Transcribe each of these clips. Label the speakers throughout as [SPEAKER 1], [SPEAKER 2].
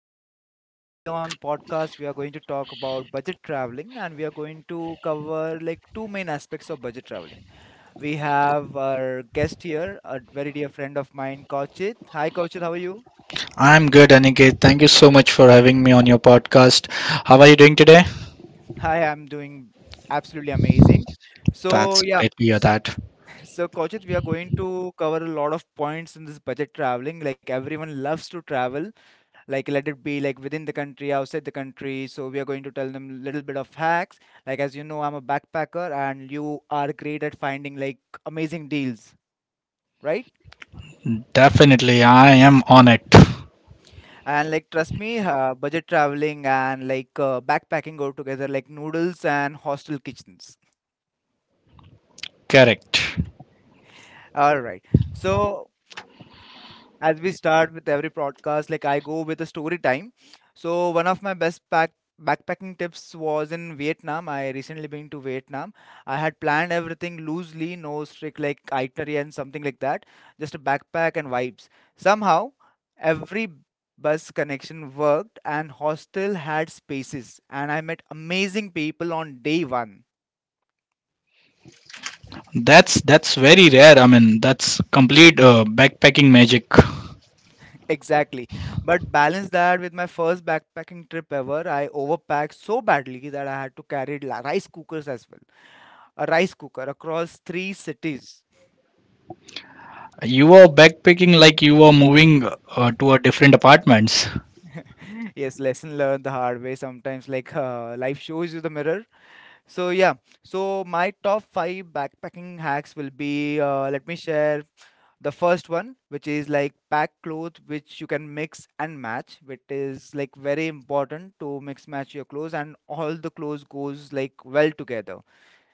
[SPEAKER 1] welcome back. Today on podcast we are going to talk about budget traveling and we are going to cover like two main aspects of budget traveling. We have our guest here, a very dear friend of mine, Kauchit. Hi Kauchit, how are you?
[SPEAKER 2] I'm good, Aniket. Thank you so much for having me on your podcast. How are you doing today?
[SPEAKER 1] Hi, I'm doing absolutely amazing. So
[SPEAKER 2] That's
[SPEAKER 1] yeah,
[SPEAKER 2] great to hear that.
[SPEAKER 1] so Kauchit, we are going to cover a lot of points in this budget traveling. Like everyone loves to travel, like let it be like within the country outside the country, so we are going to tell them little bit of hacks, like as you know I'm a backpacker and you are great at finding like amazing deals, right?
[SPEAKER 2] Definitely, I am on it.
[SPEAKER 1] And like trust me, budget traveling and like backpacking go together like noodles and hostel kitchens.
[SPEAKER 2] Correct.
[SPEAKER 1] All right, so as we start with every podcast, like I go with a story time. So one of my best pack backpacking tips was in Vietnam. I recently been to Vietnam. I had planned everything loosely, no strict like itinerary and something like that. Just a backpack and vibes. Somehow every bus connection worked and hostel had spaces and I met amazing people on day one.
[SPEAKER 2] That's very rare. I mean, that's complete backpacking magic.
[SPEAKER 1] Exactly. But balance that with my first backpacking trip ever, I overpacked so badly that I had to carry rice cookers as well. A rice cooker across three cities.
[SPEAKER 2] You were backpacking like you were moving to a different apartments.
[SPEAKER 1] Yes, lesson learned the hard way sometimes, like life shows you the mirror. So, yeah. So, my top five backpacking hacks will be, let me share the first one, which is like pack cloth which you can mix and match, which is like very important to mix match your clothes and all the clothes goes like well together.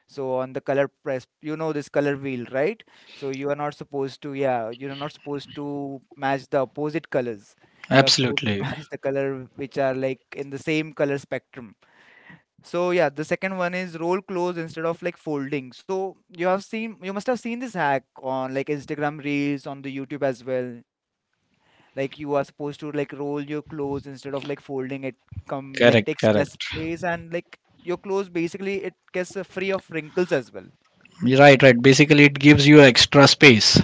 [SPEAKER 1] So on the color press, you know this color wheel, right? So you are not supposed to yeah, you're not supposed to match the opposite colors. You're supposed to
[SPEAKER 2] Absolutely.
[SPEAKER 1] match the color which are like in the same color spectrum. So yeah, the second one is roll close instead of like folding. So you must have seen this hack on like Instagram Reels, on the YouTube as well. Like you are supposed to like roll your clothes instead of like folding it. Come like
[SPEAKER 2] Correct.
[SPEAKER 1] takes less
[SPEAKER 2] Correct.
[SPEAKER 1] place and like your clothes basically it gets free of wrinkles as well.
[SPEAKER 2] Right. Right. Basically, it gives you extra space.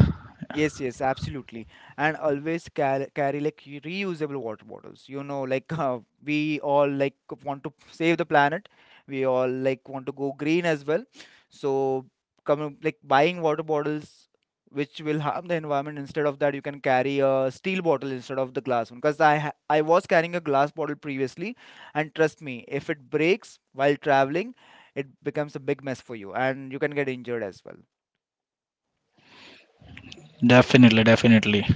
[SPEAKER 1] Yes, yes, absolutely. And always carry like reusable water bottles. You know, like we all like want to save the planet. We all like want to go green as well. So coming like buying water bottles which will harm the environment, instead of that you can carry a steel bottle instead of the glass one, because I was carrying a glass bottle previously, and trust me, if it breaks while traveling it becomes a big mess for you and you can get injured as well.
[SPEAKER 2] Definitely. Definitely.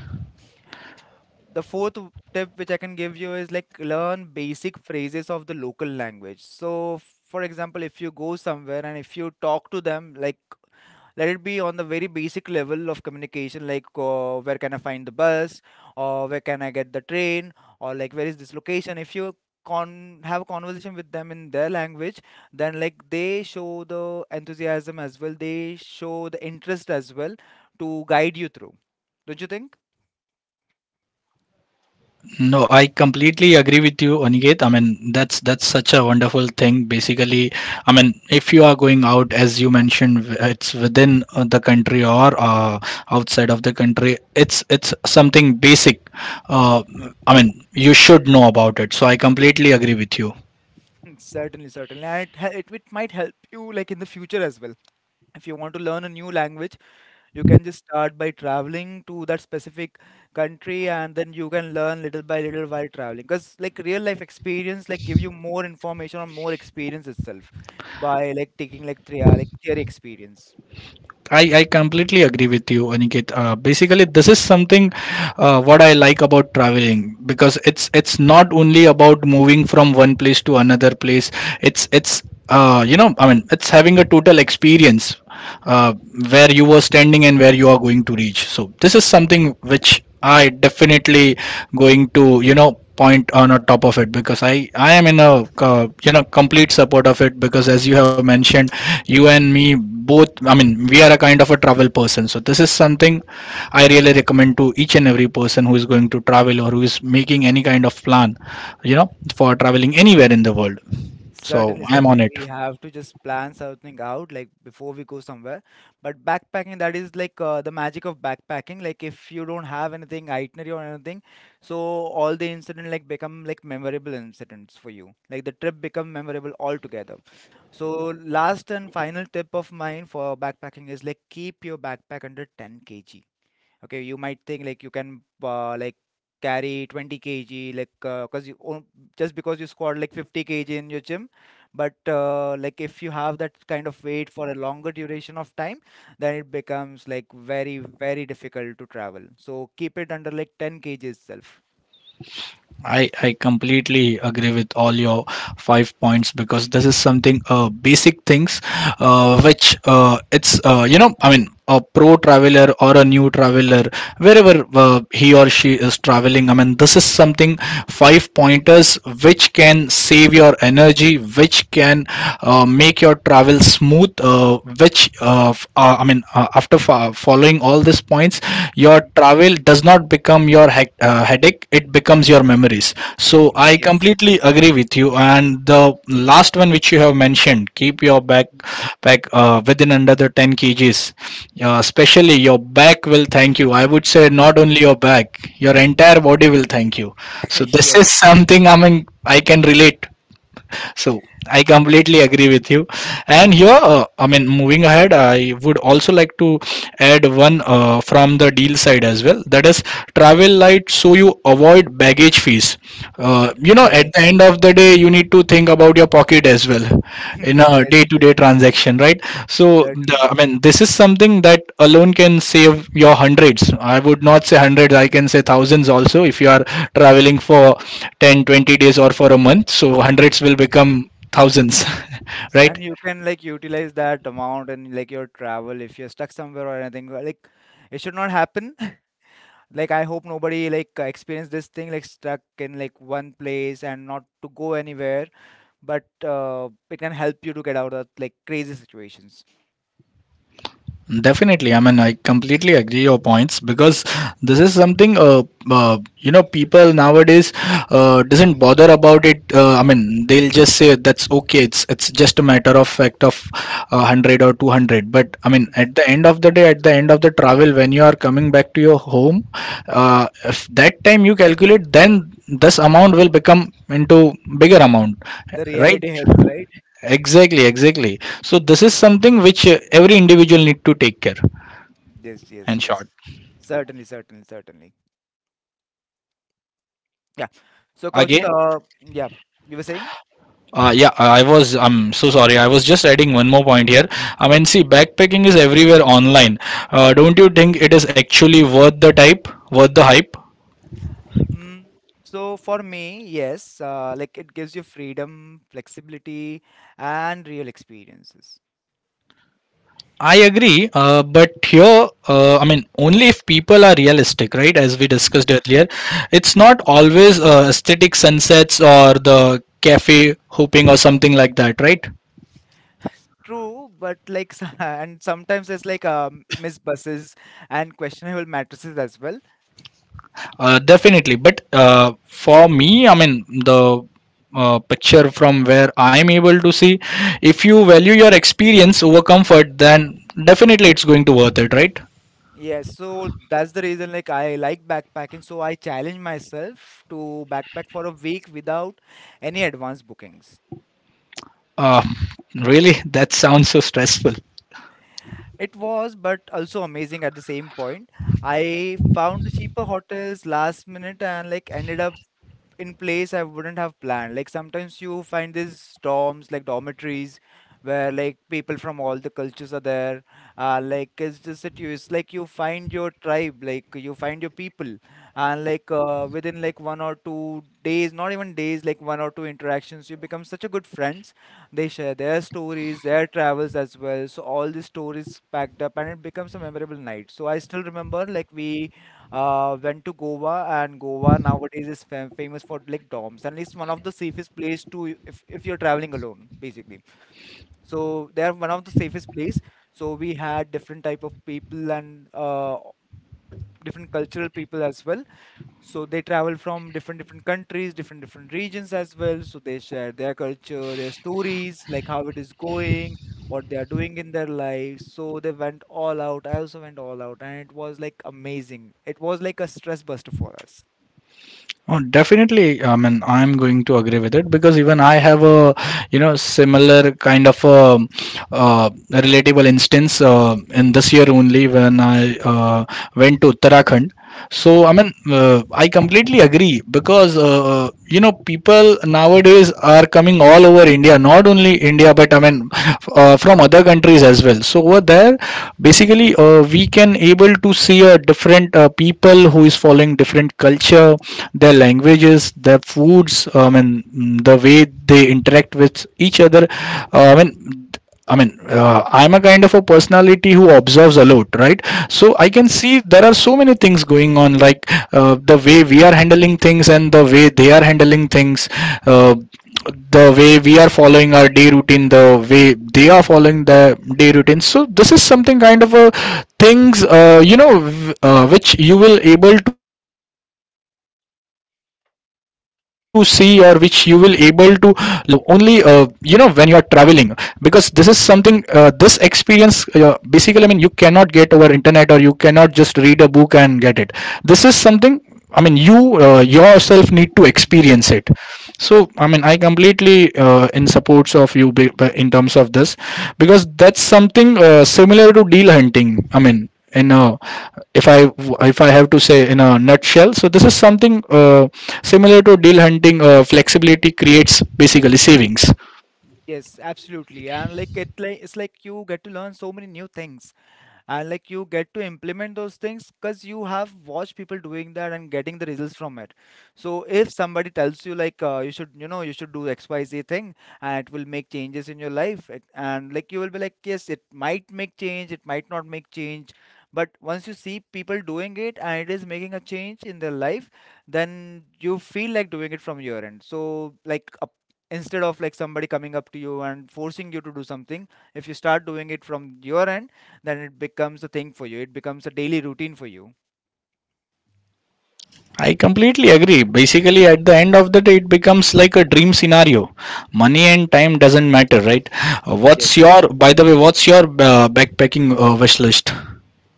[SPEAKER 1] The fourth tip which I can give you is like learn basic phrases of the local language. So, for example, if you go somewhere and if you talk to them, like let it be on the very basic level of communication, like where can I find the bus, or where can I get the train, or like where is this location. If you con have a conversation with them in their language, then like they show the enthusiasm as well. They show the interest as well to guide you through. Don't you think?
[SPEAKER 2] No, I completely agree with you, Aniket. I mean, that's such a wonderful thing. Basically, I mean, if you are going out, as you mentioned, it's within the country or outside of the country. It's something basic. Uh, I mean, you should know about it. So I completely agree with you.
[SPEAKER 1] Mm, certainly, certainly. And it might help you like in the future as well. If you want to learn a new language, you can just start by traveling to that specific country and then you can learn little by little while traveling. Because like real life experience like give you more information or more experience itself by like taking like three like theory experience.
[SPEAKER 2] I completely agree with you, Aniket. Basically, this is something what I like about traveling because it's not only about moving from one place to another place. It's you know, I mean, it's having a total experience uh, where you were standing and where you are going to reach. So this is something which I definitely going to, you know, point on a top of it, because I am in a you know, complete support of it, because as you have mentioned, you and me both, I mean, we are a kind of a travel person. So this is something I really recommend to each and every person who is going to travel or who is making any kind of plan, you know, for traveling anywhere in the world. So
[SPEAKER 1] Certainly,
[SPEAKER 2] I am on
[SPEAKER 1] certainly.
[SPEAKER 2] it.
[SPEAKER 1] We have to just plan something out like before we go somewhere. But backpacking, that is like the magic of backpacking. Like if you don't have anything itinerary or anything, so all the incident like become like memorable incidents for you. Like the trip become memorable altogether. So last and final tip of mine for backpacking is like keep your backpack under 10 kg. Okay, you might think like you can like carry 20 kg, like because just because you squat like 50 kg in your gym, but like if you have that kind of weight for a longer duration of time, then it becomes like very very difficult to travel, so keep it under like 10 kg itself.
[SPEAKER 2] I completely agree with all your five points, because this is something basic things which it's you know, I mean, a pro traveler or a new traveler, wherever he or she is traveling, I mean, this is something, five pointers, which can save your energy, which can make your travel smooth, which I mean, after following all this, all these points, your
[SPEAKER 1] Mhm.
[SPEAKER 2] travel does not become your headache, it becomes your memories. So I
[SPEAKER 1] Yes.
[SPEAKER 2] completely agree with you. And the last one which you have mentioned, keep your back back within, under the 10 kgs. Especially your back will thank you. I would say not only your back, your entire body will thank you. So
[SPEAKER 1] Yes.
[SPEAKER 2] this is
[SPEAKER 1] Yes.
[SPEAKER 2] something, I mean, I can relate. So I completely agree with you. And here, I mean, moving ahead, I would also like to add one from the deal side as well. That is, travel light, so you avoid baggage fees. You know, at the end of the day, you need to think about your pocket as well in a
[SPEAKER 1] Yes. Yes.
[SPEAKER 2] day-to-day
[SPEAKER 1] Yes.
[SPEAKER 2] transaction, right? So
[SPEAKER 1] Certainly.
[SPEAKER 2] I mean, this is something that alone can save your hundreds. I would not say hundreds, I can say thousands also, if you are traveling for 10, 20 days or for a month. So hundreds will become thousands.
[SPEAKER 1] Yes,
[SPEAKER 2] right?
[SPEAKER 1] and you can like utilize that amount and like your travel if you're stuck somewhere or anything. Like it should not happen. Like I hope nobody like experience this thing, like stuck in like one place and not to go anywhere. But it can help you to get out of like crazy situations.
[SPEAKER 2] Definitely, I mean, I completely agree your points, because this is something you know, people nowadays doesn't bother about it. I mean, they'll just say that's okay. It's just a matter of fact of 100 or 200. But I mean,
[SPEAKER 1] Hmm.
[SPEAKER 2] at the end of the day, at the end of the travel, when you are coming back to your home, if that time you calculate, then this amount will become into bigger amount,
[SPEAKER 1] The
[SPEAKER 2] right?
[SPEAKER 1] reality hits, right?
[SPEAKER 2] Exactly, exactly. So this is something which every individual need to take care
[SPEAKER 1] Yes, yes,
[SPEAKER 2] and
[SPEAKER 1] yes.
[SPEAKER 2] short
[SPEAKER 1] Certainly, certainly, certainly. Yeah. So Kauchit,
[SPEAKER 2] again.
[SPEAKER 1] yeah, you were saying?
[SPEAKER 2] Yeah, I'm so sorry, I was just adding one more point here. I mean, see, backpacking is everywhere online. Don't you think it is actually worth the type worth the hype?
[SPEAKER 1] Mm, so for me, yes, like it gives you freedom, flexibility, and real experiences.
[SPEAKER 2] I agree, but here, I mean, only if people are realistic, right? As we
[SPEAKER 1] Mm.
[SPEAKER 2] discussed earlier, it's not always aesthetic sunsets or the cafe hopping or something like that, right?
[SPEAKER 1] True, but like, and sometimes it's like missed buses and questionable mattresses as well.
[SPEAKER 2] Definitely, but for me, I mean, the picture from where I'm able to see. If you value your experience over comfort, then definitely it's going to worth it, right?
[SPEAKER 1] Yes, so that's the reason like I like backpacking, so I challenge myself to backpack for a week without any advance bookings.
[SPEAKER 2] Uh, Really? That sounds so stressful.
[SPEAKER 1] It was, but also amazing at the same point. I found the cheaper hotels last minute and like ended up in place I wouldn't have planned. Like sometimes you find these dorms, like dormitories where like people from all the cultures are there. Like it's just that you, it's like you find your tribe, like you find your people, and like within like 1 or 2 days, not even days, like one or two interactions, you become such a good friends. They share their stories, their travels as well. So all the stories packed up, and it becomes a memorable night. So I still remember like we went to Goa, and Goa nowadays is famous for like doms, and it's one of the safest place to, if you're traveling alone basically, so they're one of the safest place. So we had different type of people and different cultural people as well, so they travel from different different countries, different different regions as well. So they share their culture, their stories, like how it is going, what they are doing in their lives. So they went all out. I also went all out, and it was like amazing. It was like a stress buster for us.
[SPEAKER 2] Oh, definitely. I mean, I'm going to agree with it, because even I have a, you know, similar kind of a, relatable instance in this year only, when I went to Uttarakhand. So, I
[SPEAKER 1] Mhm,
[SPEAKER 2] mean, I completely agree, because, you know, people nowadays are coming all over India, not only India, but I mean from other countries as well. So over there, basically, we can able to see a different people who is following different culture, their languages, their foods, and the way they interact with each other. Uh, I mean I'm a kind of a personality who observes a lot, right? So I can
[SPEAKER 1] mhm,
[SPEAKER 2] see there are so many things going on, like the way we are handling things and the way they are handling things, uh, the way we are following our day routine, the way they are following the day routine. So this is something kind of a things, you know, which you will able to see, or which you will able to only you know, when you are traveling, because this is something this
[SPEAKER 1] mhm,
[SPEAKER 2] experience basically, I mean, you cannot get over internet, or you cannot just read a book and get it. This is something, I mean, you yourself need to
[SPEAKER 1] mhm.
[SPEAKER 2] experience it. So I mean, I completely in supports of you in terms of this, because that's something similar to deal hunting, I mean, in a, if i if I have to say in a nutshell, so this is something uh, similar to deal hunting, flexibility creates basically savings.
[SPEAKER 1] Yes, absolutely. And like it, like it's like you get to learn so many new things. And like you get to implement those things because you have watched people doing that and getting the results from it. So if somebody tells you like you should do xyz thing and it will make changes in your life, and like you will be like, yes, it might make change, it might not make change, but once you see people doing it and it is making a change in their life, then you feel like doing it from your end. So like a instead of like somebody coming up to you and forcing you to do something, if you start doing it from your end, then it becomes a thing for you. It becomes a daily routine for you.
[SPEAKER 2] I completely agree. Basically, at the end of the day, it becomes like a dream scenario. Money and time doesn't matter, right? Uh, What's
[SPEAKER 1] Yes.
[SPEAKER 2] your, by the way, what's your backpacking wish list?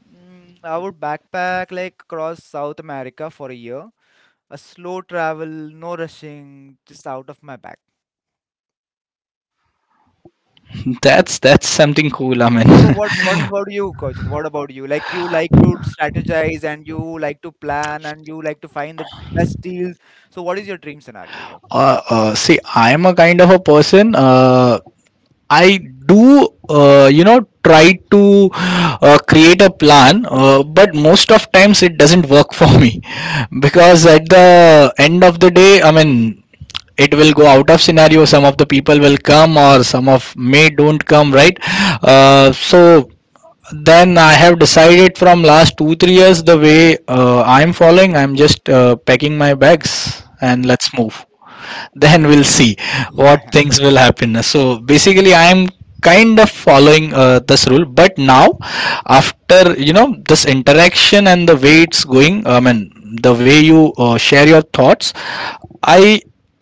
[SPEAKER 1] Mm, I would backpack like across South America for a year. A slow travel, no rushing, just out of my bag.
[SPEAKER 2] That's something cool, I
[SPEAKER 1] So
[SPEAKER 2] mean.
[SPEAKER 1] what about you, Kaushik? What about you? Like you like to strategize and you like to plan and you like to find the best deals. So what is your dream scenario here?
[SPEAKER 2] See, I am a kind of a person. I do, you know, try to create a plan, but most of times it doesn't work for me because at the end of the day, I mean, it will go out of scenario. Some of the people will come, or some of may don't come, right? So then I have decided from last 2 3 years, the way I'm following. I'm just packing my bags and
[SPEAKER 1] Mhm.
[SPEAKER 2] let's move, then we'll see what things will happen. So basically I am kind of following this rule, but now, after, you know, this interaction and the way it's going, I mean, the way you share your thoughts, I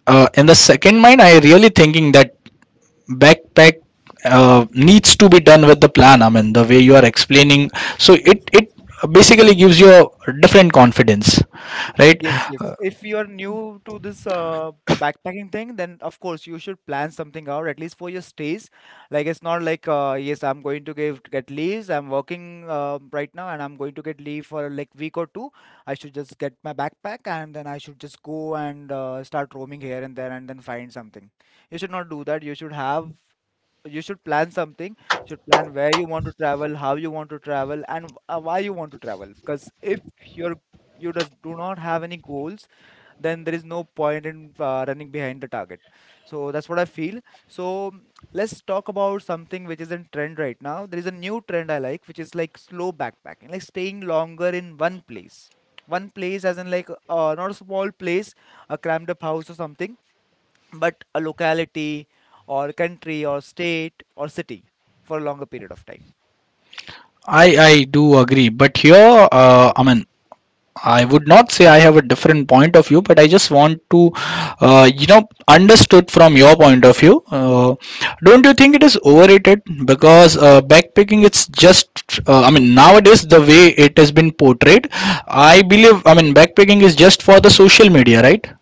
[SPEAKER 2] in the second mind, I really thinking that backpack uh, needs to be done with the plan. I mean, the way you are explaining, so it basically gives you a different confidence, right?
[SPEAKER 1] Yes, yes. If you are new to this backpacking thing, then of course you should plan something out at least for your stays. Like it's not like yes, I'm going to give get leaves. I'm working right now, and I'm going to get leave for like week or two. I should just get my backpack, and then I should just go and start roaming here and there, and then find something. You should not do that. You should have you should plan something. You should plan where you want to travel, how you want to travel, and why you want to travel, because if you're you just do not have any goals, then there is no point in running behind the target. So that's what I feel. So let's talk about something which is in trend right now. There is a new trend I like, which is like slow backpacking, like staying longer in one place. One place as in like not a small place, a cramped up house or something, but a locality or country or state or city for a longer period of time.
[SPEAKER 2] I do agree, but here I mean, I would not say I have a different point of view, but I just want to, you know, understood from your point of view. Don't you think it is overrated? Because backpacking, it's just, I mean, nowadays the way it has been portrayed, I believe, I mean, backpacking is just for the social media, right?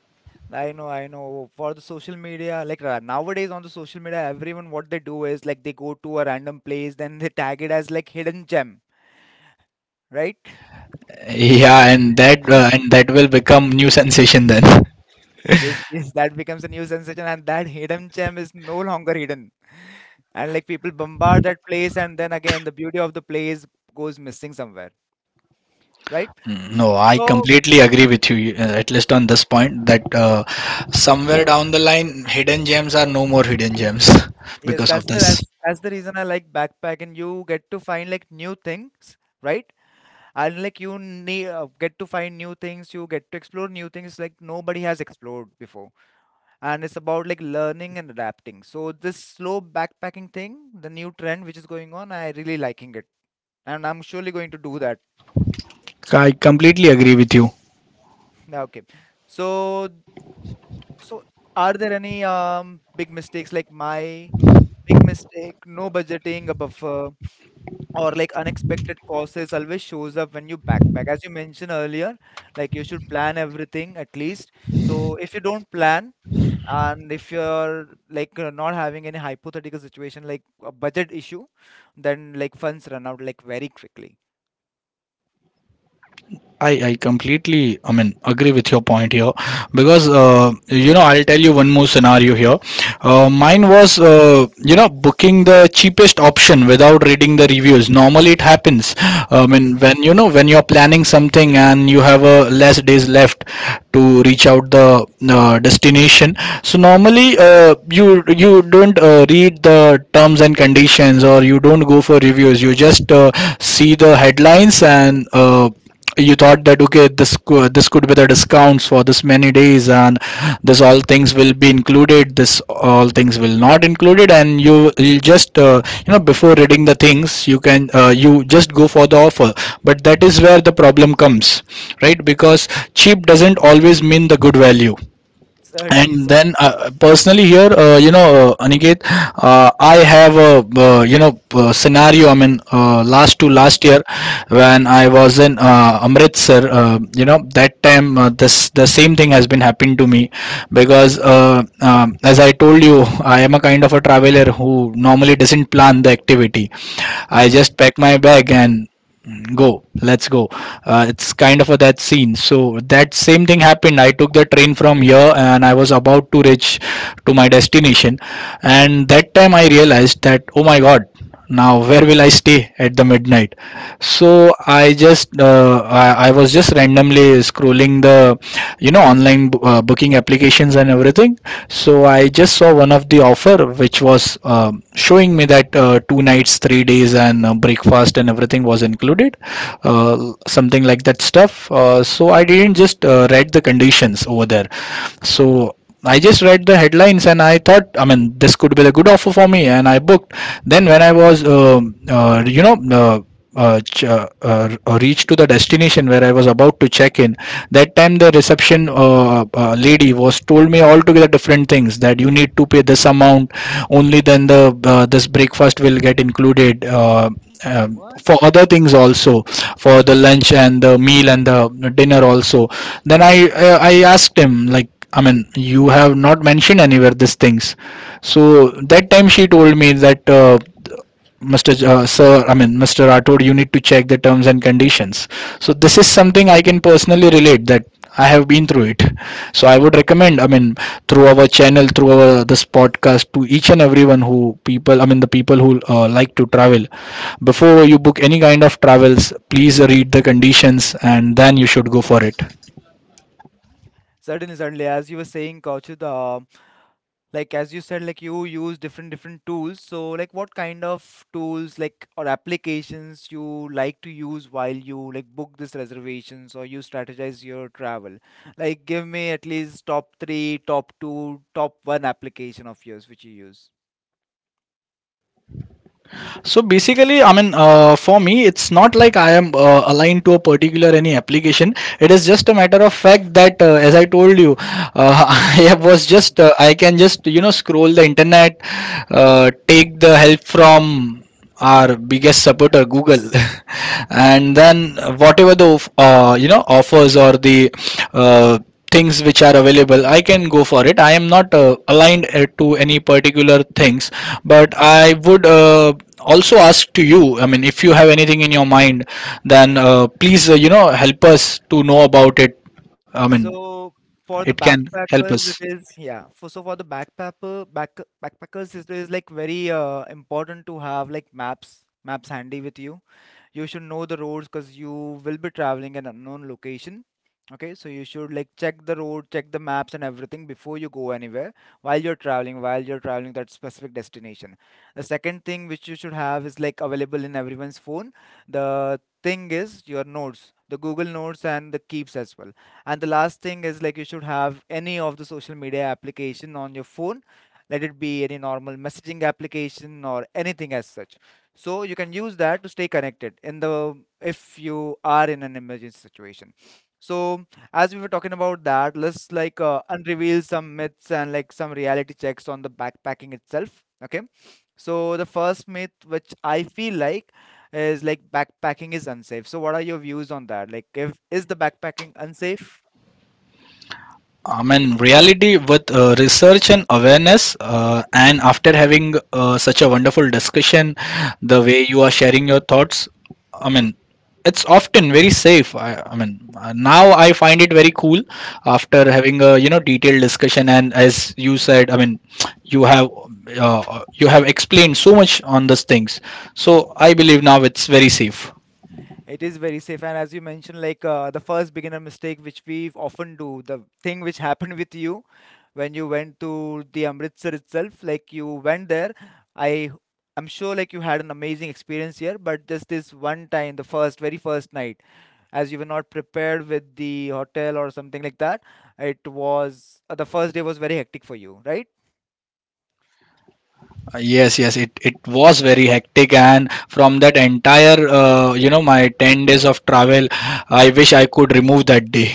[SPEAKER 1] I know, I know. For the social media, like nowadays on the social media, everyone what they do is like they go to a random place, then they tag it as like hidden gem, right?
[SPEAKER 2] Yeah, and that will become new sensation then.
[SPEAKER 1] Yes, yes, that becomes a new sensation, and that hidden gem is no longer hidden. And like people bombard that place, and then again, the beauty of the place goes missing somewhere, right?
[SPEAKER 2] Mm, no, I
[SPEAKER 1] So
[SPEAKER 2] completely agree with you, at least on this point, that somewhere down the line, hidden gems are no more hidden gems
[SPEAKER 1] yes,
[SPEAKER 2] because of
[SPEAKER 1] that's the
[SPEAKER 2] this.
[SPEAKER 1] that's, that's the reason I like backpack, and you get to find like new things, right? And like you need get to find new things, you get to explore new things like nobody has explored before, and it's about like learning and adapting. So this slow backpacking thing, the new trend which is going on, I really liking it, and I'm surely going to do that.
[SPEAKER 2] I completely agree with you.
[SPEAKER 1] Okay, so so are there any big mistakes like my big mistake? No budgeting a buffer, or like unexpected causes always shows up when you backpack. As you mentioned earlier, like you should plan everything at least. So if you don't plan, and if you're like not having any hypothetical situation like a budget issue, then like funds run out like very quickly.
[SPEAKER 2] I completely, I mean, agree with your point here, because you know, I'll tell you one more scenario here. Mine
[SPEAKER 1] Mhm,
[SPEAKER 2] was you know, booking the cheapest option without reading the reviews. Normally it happens. I mean,
[SPEAKER 1] mhm.
[SPEAKER 2] when you know, when you're planning something and you have a less days left to reach out the destination. So normally you don't read the terms and conditions, or you don't go for reviews. You just see the headlines and. You thought that okay, this could be the discounts for this many days, and this all things will be included, this all things will not included. And you just before reading the things you can, you just go for the offer, but that is where the problem comes, right? Because cheap doesn't always mean the good value.
[SPEAKER 1] Certainly,
[SPEAKER 2] And then
[SPEAKER 1] certainly.
[SPEAKER 2] personally here, Aniket, I have a, scenario. I mean, last to
[SPEAKER 1] Mhm,
[SPEAKER 2] last year when I was in Amritsar, that time, this the same thing has been happened to me. Because as I told you, I am a kind of a traveler who normally doesn't plan the activity. I
[SPEAKER 1] mhm,
[SPEAKER 2] just pack my bag and go, let's go. It's kind of a that scene. So that same thing happened. I took the train from here and I was about to reach to my destination. And that time I realized that, oh my god, now where will I stay at the midnight? So I just I was just randomly scrolling the online booking applications and everything. So I just saw one of the offer which was showing me that two nights, 3 days, and breakfast and everything was included, something like that stuff. So I didn't just read the conditions over there.
[SPEAKER 1] mhm.
[SPEAKER 2] So I just read the headlines and I thought, I mean, this could be a good offer for me, and I booked. Then when I was, you know. Ch- reached to the destination where I was about to check in, that time the reception lady was told me altogether different things, that you need to pay this amount, only then the this breakfast will get included.
[SPEAKER 1] What?
[SPEAKER 2] For other things also, for the lunch and the meal and the dinner also. Then I asked him like, I mean, you have not mentioned anywhere these things. So that time she told me that, Sir, I mean, Mr. Rathod, you need to check the terms and conditions. So this is something I can personally relate, that I have been through it. So I would recommend, I mean, through our channel, through our this podcast, to each and everyone who people, I mean, the people who like to travel, before you book any kind of travels, please read the conditions and then you should go for it.
[SPEAKER 1] Certainly, certainly. As you were saying, Kaushik, like as you said, like you use different different tools, so like what kind of tools like or applications you like to use while you like book these reservations or you strategize your travel? Like give me at least top 3, top 2, top 1 application of yours which you use.
[SPEAKER 2] So basically, I mean, for me, it's not like I am aligned to a particular any application. It is just a matter of fact that, as I told you, uh, I was just I can just scroll the internet, take the help from our biggest supporter Google and then whatever the offers or the uh, things which are available, I can go for it. I am not aligned to any particular things, but I would also ask to you, I mean, if you have anything in your mind, then please, help us to know about it. I mean,
[SPEAKER 1] So for
[SPEAKER 2] it
[SPEAKER 1] the
[SPEAKER 2] can help
[SPEAKER 1] backpackers
[SPEAKER 2] us.
[SPEAKER 1] it is, yeah, for so for the backpacker, backpackers it is like very important to have like maps, maps handy with you. You should know the roads because you will be traveling an unknown location. Okay, so you should like check the road, check the maps and everything before you go anywhere while you're traveling, while you're traveling that specific destination. The second thing which you should have is like available in everyone's phone. The thing is your notes, the Google notes and the keeps as well. And the last thing is like you should have any of the social media application on your phone. Let it be any normal messaging application or anything as such, so you can use that to stay connected in the, if you are in an emergency situation. So as we were talking about that, let's like unreveal some myths and like some reality checks on the backpacking itself. Okay, so the first myth which I feel like is like backpacking is unsafe. So what are your views on that? Like, if is the backpacking unsafe?
[SPEAKER 2] I mean, reality with research and awareness, and after having such a wonderful discussion, the way you are sharing your thoughts, I mean, it's often very safe. I mean, now I find it very cool after having a detailed discussion. And as you said, I mean, you have you have explained so much on these things, so I believe now it's very safe.
[SPEAKER 1] It is very safe, and as you mentioned, like the first beginner mistake which we often do, the thing which happened with you when you went to the Amritsar itself, like you went there. I I'm sure like you had an amazing experience here, but just this one time, the first, very first night, as you were not prepared with the hotel or something like that, it was the first day was very hectic for you, right?
[SPEAKER 2] Yes, yes, it was very hectic, and from that entire my 10 days of travel, I wish I could remove that day.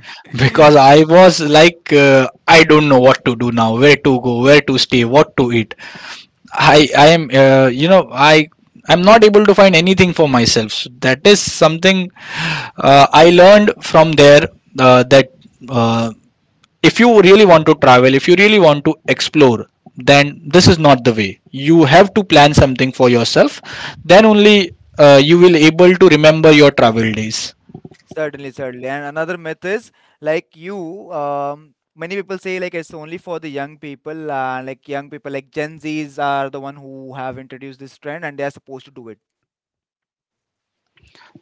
[SPEAKER 2] Because I was like, I don't know what to do now, where to go, where to stay, what to eat. I am, I'm not able to find anything for myself. So that is something I learned from there, that uh, if you really want to travel, if you really want to explore, then this is not the way. You have to plan something for yourself. Then only you will able to remember your travel days.
[SPEAKER 1] Certainly, certainly. And another myth is like you, many people say like it's only for the young people, like young people, like Gen Zs are the one who have introduced this trend and they are supposed to do it.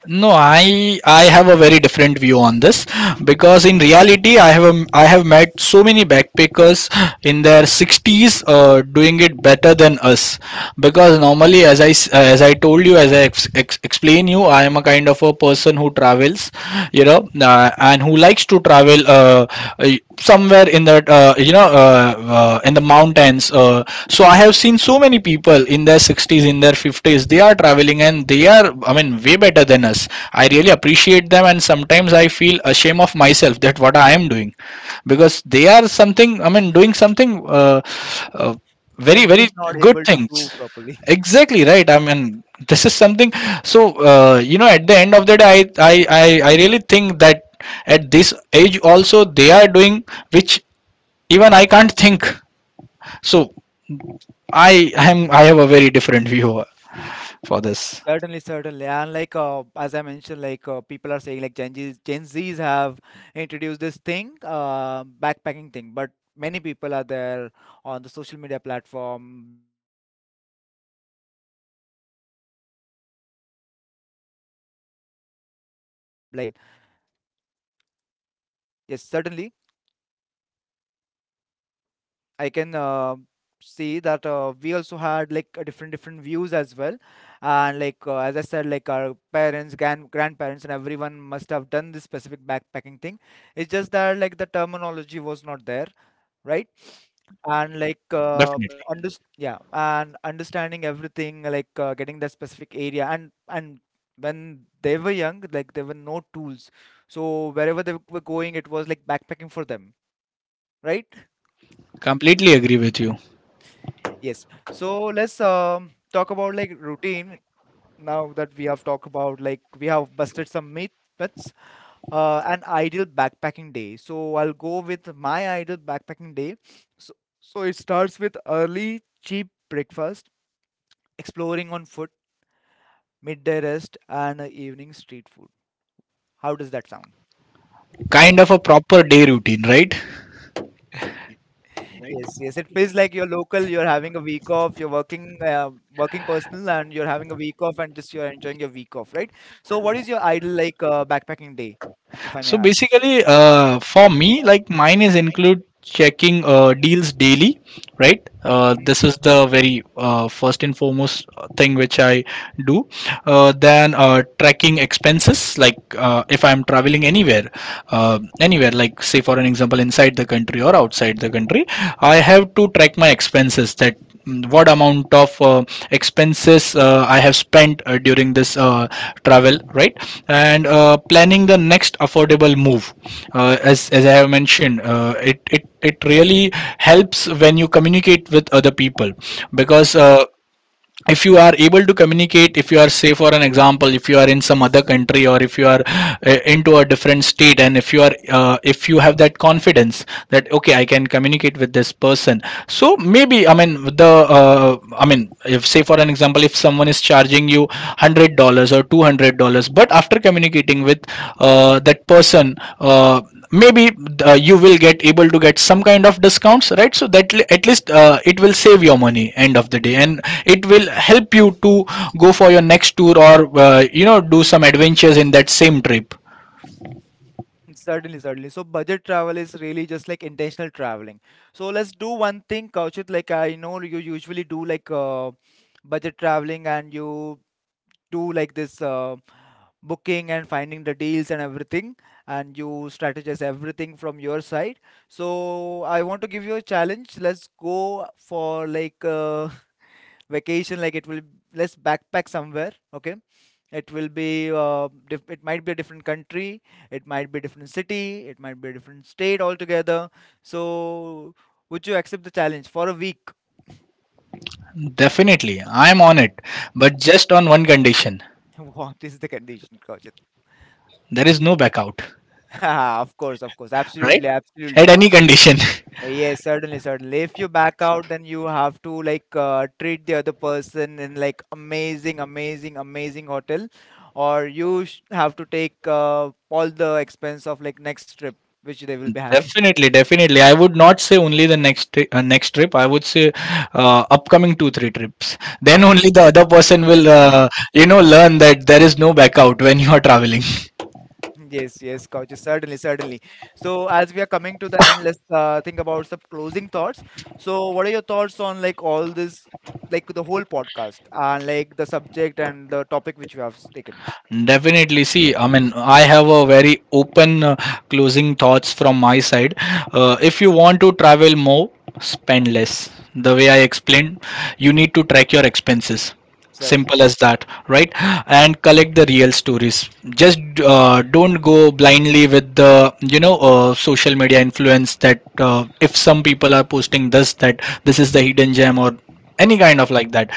[SPEAKER 2] No, I have a very different view on this, because in reality, I have met so many backpackers in their 60s, doing it better than us. Because normally, as I told you, as I ex- ex- explain you, I am a kind of a person who travels, you know, and who likes to travel. Somewhere in that in the mountains. So I have seen so many people in their 60s, in their 50s, they are traveling and they are, I mean, way better than us. I really appreciate them, and sometimes I feel ashamed of myself that what I am doing, because they are something, I mean, doing something, uh, very,
[SPEAKER 1] That we
[SPEAKER 2] very
[SPEAKER 1] are not
[SPEAKER 2] good
[SPEAKER 1] able to
[SPEAKER 2] things.
[SPEAKER 1] do properly.
[SPEAKER 2] Exactly, right? I mean, this is something. So at the end of the day, I really think that at this age also they are doing which even I can't think. So I am, I have a very different view for this.
[SPEAKER 1] Certainly, certainly. And like as I mentioned, like people are saying like Gen Zs, Gen Zs have introduced this thing, backpacking thing, but many people are there on the social media platform like even our parents, grandparents, I'm sure like they must have done the backpacking as well. Yes, certainly. I can see that we also had like a different different views as well, and like as I said, like our parents, grandparents, and everyone must have done this specific backpacking thing. It's just that like the terminology was not there, right? And like
[SPEAKER 2] Definitely,
[SPEAKER 1] under yeah, and understanding everything, like getting that specific area, and when they were young, like there were no tools, so wherever they were going, it was like backpacking for them, right?
[SPEAKER 2] completely
[SPEAKER 1] Complete
[SPEAKER 2] agree with you.
[SPEAKER 1] picture. Yes. So let's talk about like routine now that we have talked about like we have busted some myth, myths. An ideal backpacking day. So I'll go with my ideal backpacking day. So it starts with early cheap breakfast, exploring on foot, midday rest, and evening street food. How does that sound?
[SPEAKER 2] Kind of a proper day routine, right?
[SPEAKER 1] Yes, yes. It feels like you're local, you're having a week off, you're working working personal, and you're having a week off, and just you're enjoying your week off, right? So what is your ideal like backpacking day, if I may
[SPEAKER 2] So
[SPEAKER 1] ask?
[SPEAKER 2] basically, for me, like mine is include checking deals daily, right? This is the very first and foremost thing which I do. Then tracking expenses, like, if I'm traveling anywhere, anywhere, like say for an example, inside the country or outside the country, I have to track my expenses, that mm, what amount of expenses I have spent during this travel, right? And planning the next affordable move. As I have mentioned, it really helps when you communicate with other people. Because
[SPEAKER 1] Mhm.
[SPEAKER 2] if you are able to communicate, if you are, say for an example, if you are in some other country, or if you are into a different state, and if you are if you have that confidence that okay, I can communicate with this person, so maybe, I mean, the I mean, if say for an example, if someone is charging you $100 or $200, but after communicating with that person, maybe you will get able to get some kind of discounts, right? So that li- at least it will save your money end of the day, and it will help you to go for your next tour, or do some adventures in that same trip.
[SPEAKER 1] Certainly, certainly. So budget travel is really just like intentional traveling. So let's do one thing, Kaushik. Like I know you usually do like budget traveling and you do like this. Booking and finding the deals and everything, and you strategize everything from your side. So I want to give you a challenge. Let's go for like vacation. Like it will, let's backpack somewhere, okay? It will be it might be a different country, it might be a different city, it might be a different state altogether. So would you accept the challenge for a week?
[SPEAKER 2] Definitely, I'm on it, but just on one condition.
[SPEAKER 1] What is the condition, Kaushik?
[SPEAKER 2] There is no back out,
[SPEAKER 1] Of course, of course,
[SPEAKER 2] right?
[SPEAKER 1] absolutely, absolutely
[SPEAKER 2] At
[SPEAKER 1] not.
[SPEAKER 2] any condition.
[SPEAKER 1] Yes, certainly, certainly. If you back out, then you have to like treat the other person in like amazing, amazing, amazing hotel, or you sh have to take all the expense of like next trip which they will be having.
[SPEAKER 2] Definitely, definitely, I would not say only the next trip, I would say upcoming 2 3 trips, then only the other person will learn that there is no back out when you are traveling.
[SPEAKER 1] Yes, yes, coaches, certainly, certainly. So as we are coming to the end, let's think about some closing thoughts. So what are your thoughts on like all this, like the whole podcast, and like the subject and the topic which we have taken?
[SPEAKER 2] Definitely. See, I mean, I have a very open closing thoughts from my side.
[SPEAKER 1] Hmm.
[SPEAKER 2] If you want to travel more, spend less. The way I explained, you need to track your expenses. Simple
[SPEAKER 1] Certainly.
[SPEAKER 2] as that, right? And collect the real stories. Just don't go blindly with the social media influence, that if some people are posting this, that this is the hidden gem or any kind of like that.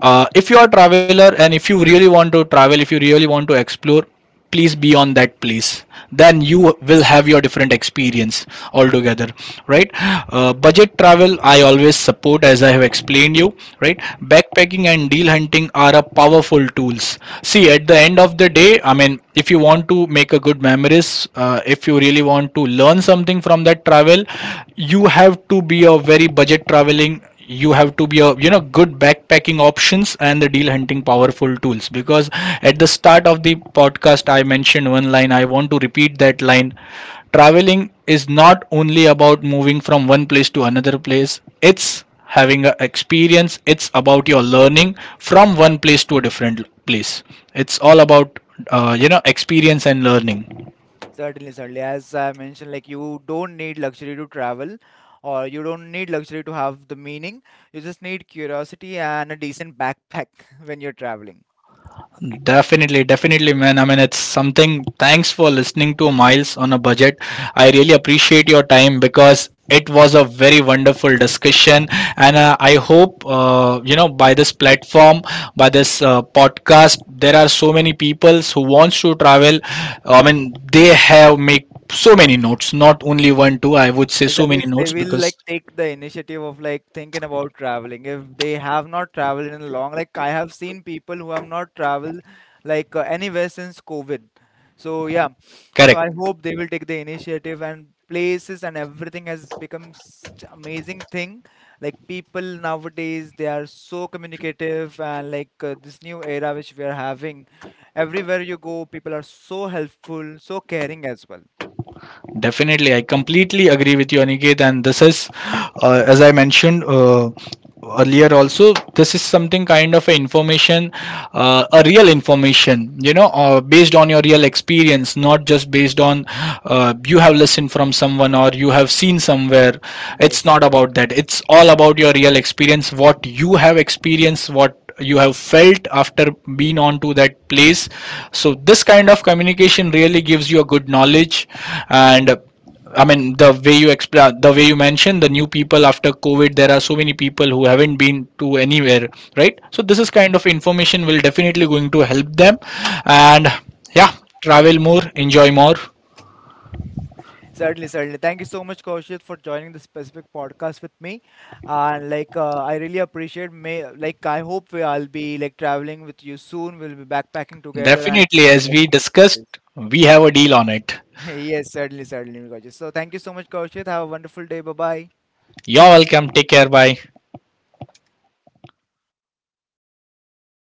[SPEAKER 2] If you are a traveler, and if you really want to travel, if you really want to explore, please be on that place, then you will have your different experience altogether, right? Budget travel I always support, as I have explained you, right?
[SPEAKER 1] Mm-hmm.
[SPEAKER 2] Backpacking and deal hunting are a powerful tools. See, at the end of the day, I mean, if you want to make a good memories, if you really want to learn something from that travel, you have to be a very budget traveling, you have to be a good backpacking options and the deal hunting powerful tools. Because at the start of the podcast I mentioned one line, I want to repeat that line. Traveling is not only about moving from one place to another place, it's having an experience, it's about your learning from one place to a different place. It's all about experience and learning.
[SPEAKER 1] Certainly, certainly. As I mentioned, like you don't need luxury to travel, or you don't need luxury to have the meaning. You just need curiosity and a decent backpack when you're traveling.
[SPEAKER 2] Definitely, definitely, man. I mean, it's something. Thanks for listening to Miles on a Budget. I really appreciate your time, because it was a very wonderful discussion. And I hope by this platform, by this podcast, there are so many people who wants to travel. I mean, they have make so many notes, not only one, two, I would say
[SPEAKER 1] Is
[SPEAKER 2] so
[SPEAKER 1] at
[SPEAKER 2] many
[SPEAKER 1] least they
[SPEAKER 2] notes
[SPEAKER 1] will
[SPEAKER 2] because
[SPEAKER 1] like take the initiative of like thinking about traveling. If they have not traveled in a long, like I have seen people who have not traveled like anywhere since COVID. So yeah, so
[SPEAKER 2] correct.
[SPEAKER 1] I hope they will take the initiative and places and everything has become such amazing thing. Like people nowadays, they are so communicative and like this new era which we are having. Everywhere you go, people are so helpful, so caring as well.
[SPEAKER 2] Definitely, I completely agree with you, Aniket. And this is, as I mentioned earlier, also this is something kind of a information, a real information. You know, based on your real experience, not just based on you have listened from someone or you have seen somewhere. It's
[SPEAKER 1] Yes.
[SPEAKER 2] not about that. It's all about your real experience, what you have experienced, what you have felt after being on to that place. So this kind of communication really gives you a good knowledge. And I mean, the way you explain, the way you mentioned, the new people after COVID, there are so many people who haven't been to anywhere, right? So this is kind of information will definitely going to help them. And yeah, travel more, enjoy more.
[SPEAKER 1] Certainly, certainly. Thank you so much, Kaushik, for joining this specific podcast with me. And like, I really appreciate. May like, I hope we, I'll be like traveling with you soon. We'll be backpacking together and
[SPEAKER 2] Definitely,
[SPEAKER 1] exploring
[SPEAKER 2] as
[SPEAKER 1] like
[SPEAKER 2] we
[SPEAKER 1] new places.
[SPEAKER 2] discussed, we have a deal on it.
[SPEAKER 1] Yes, certainly, certainly, Kaushik. So, thank you so much, Kaushik. Have a wonderful day. Bye bye.
[SPEAKER 2] You're welcome, take care, bye.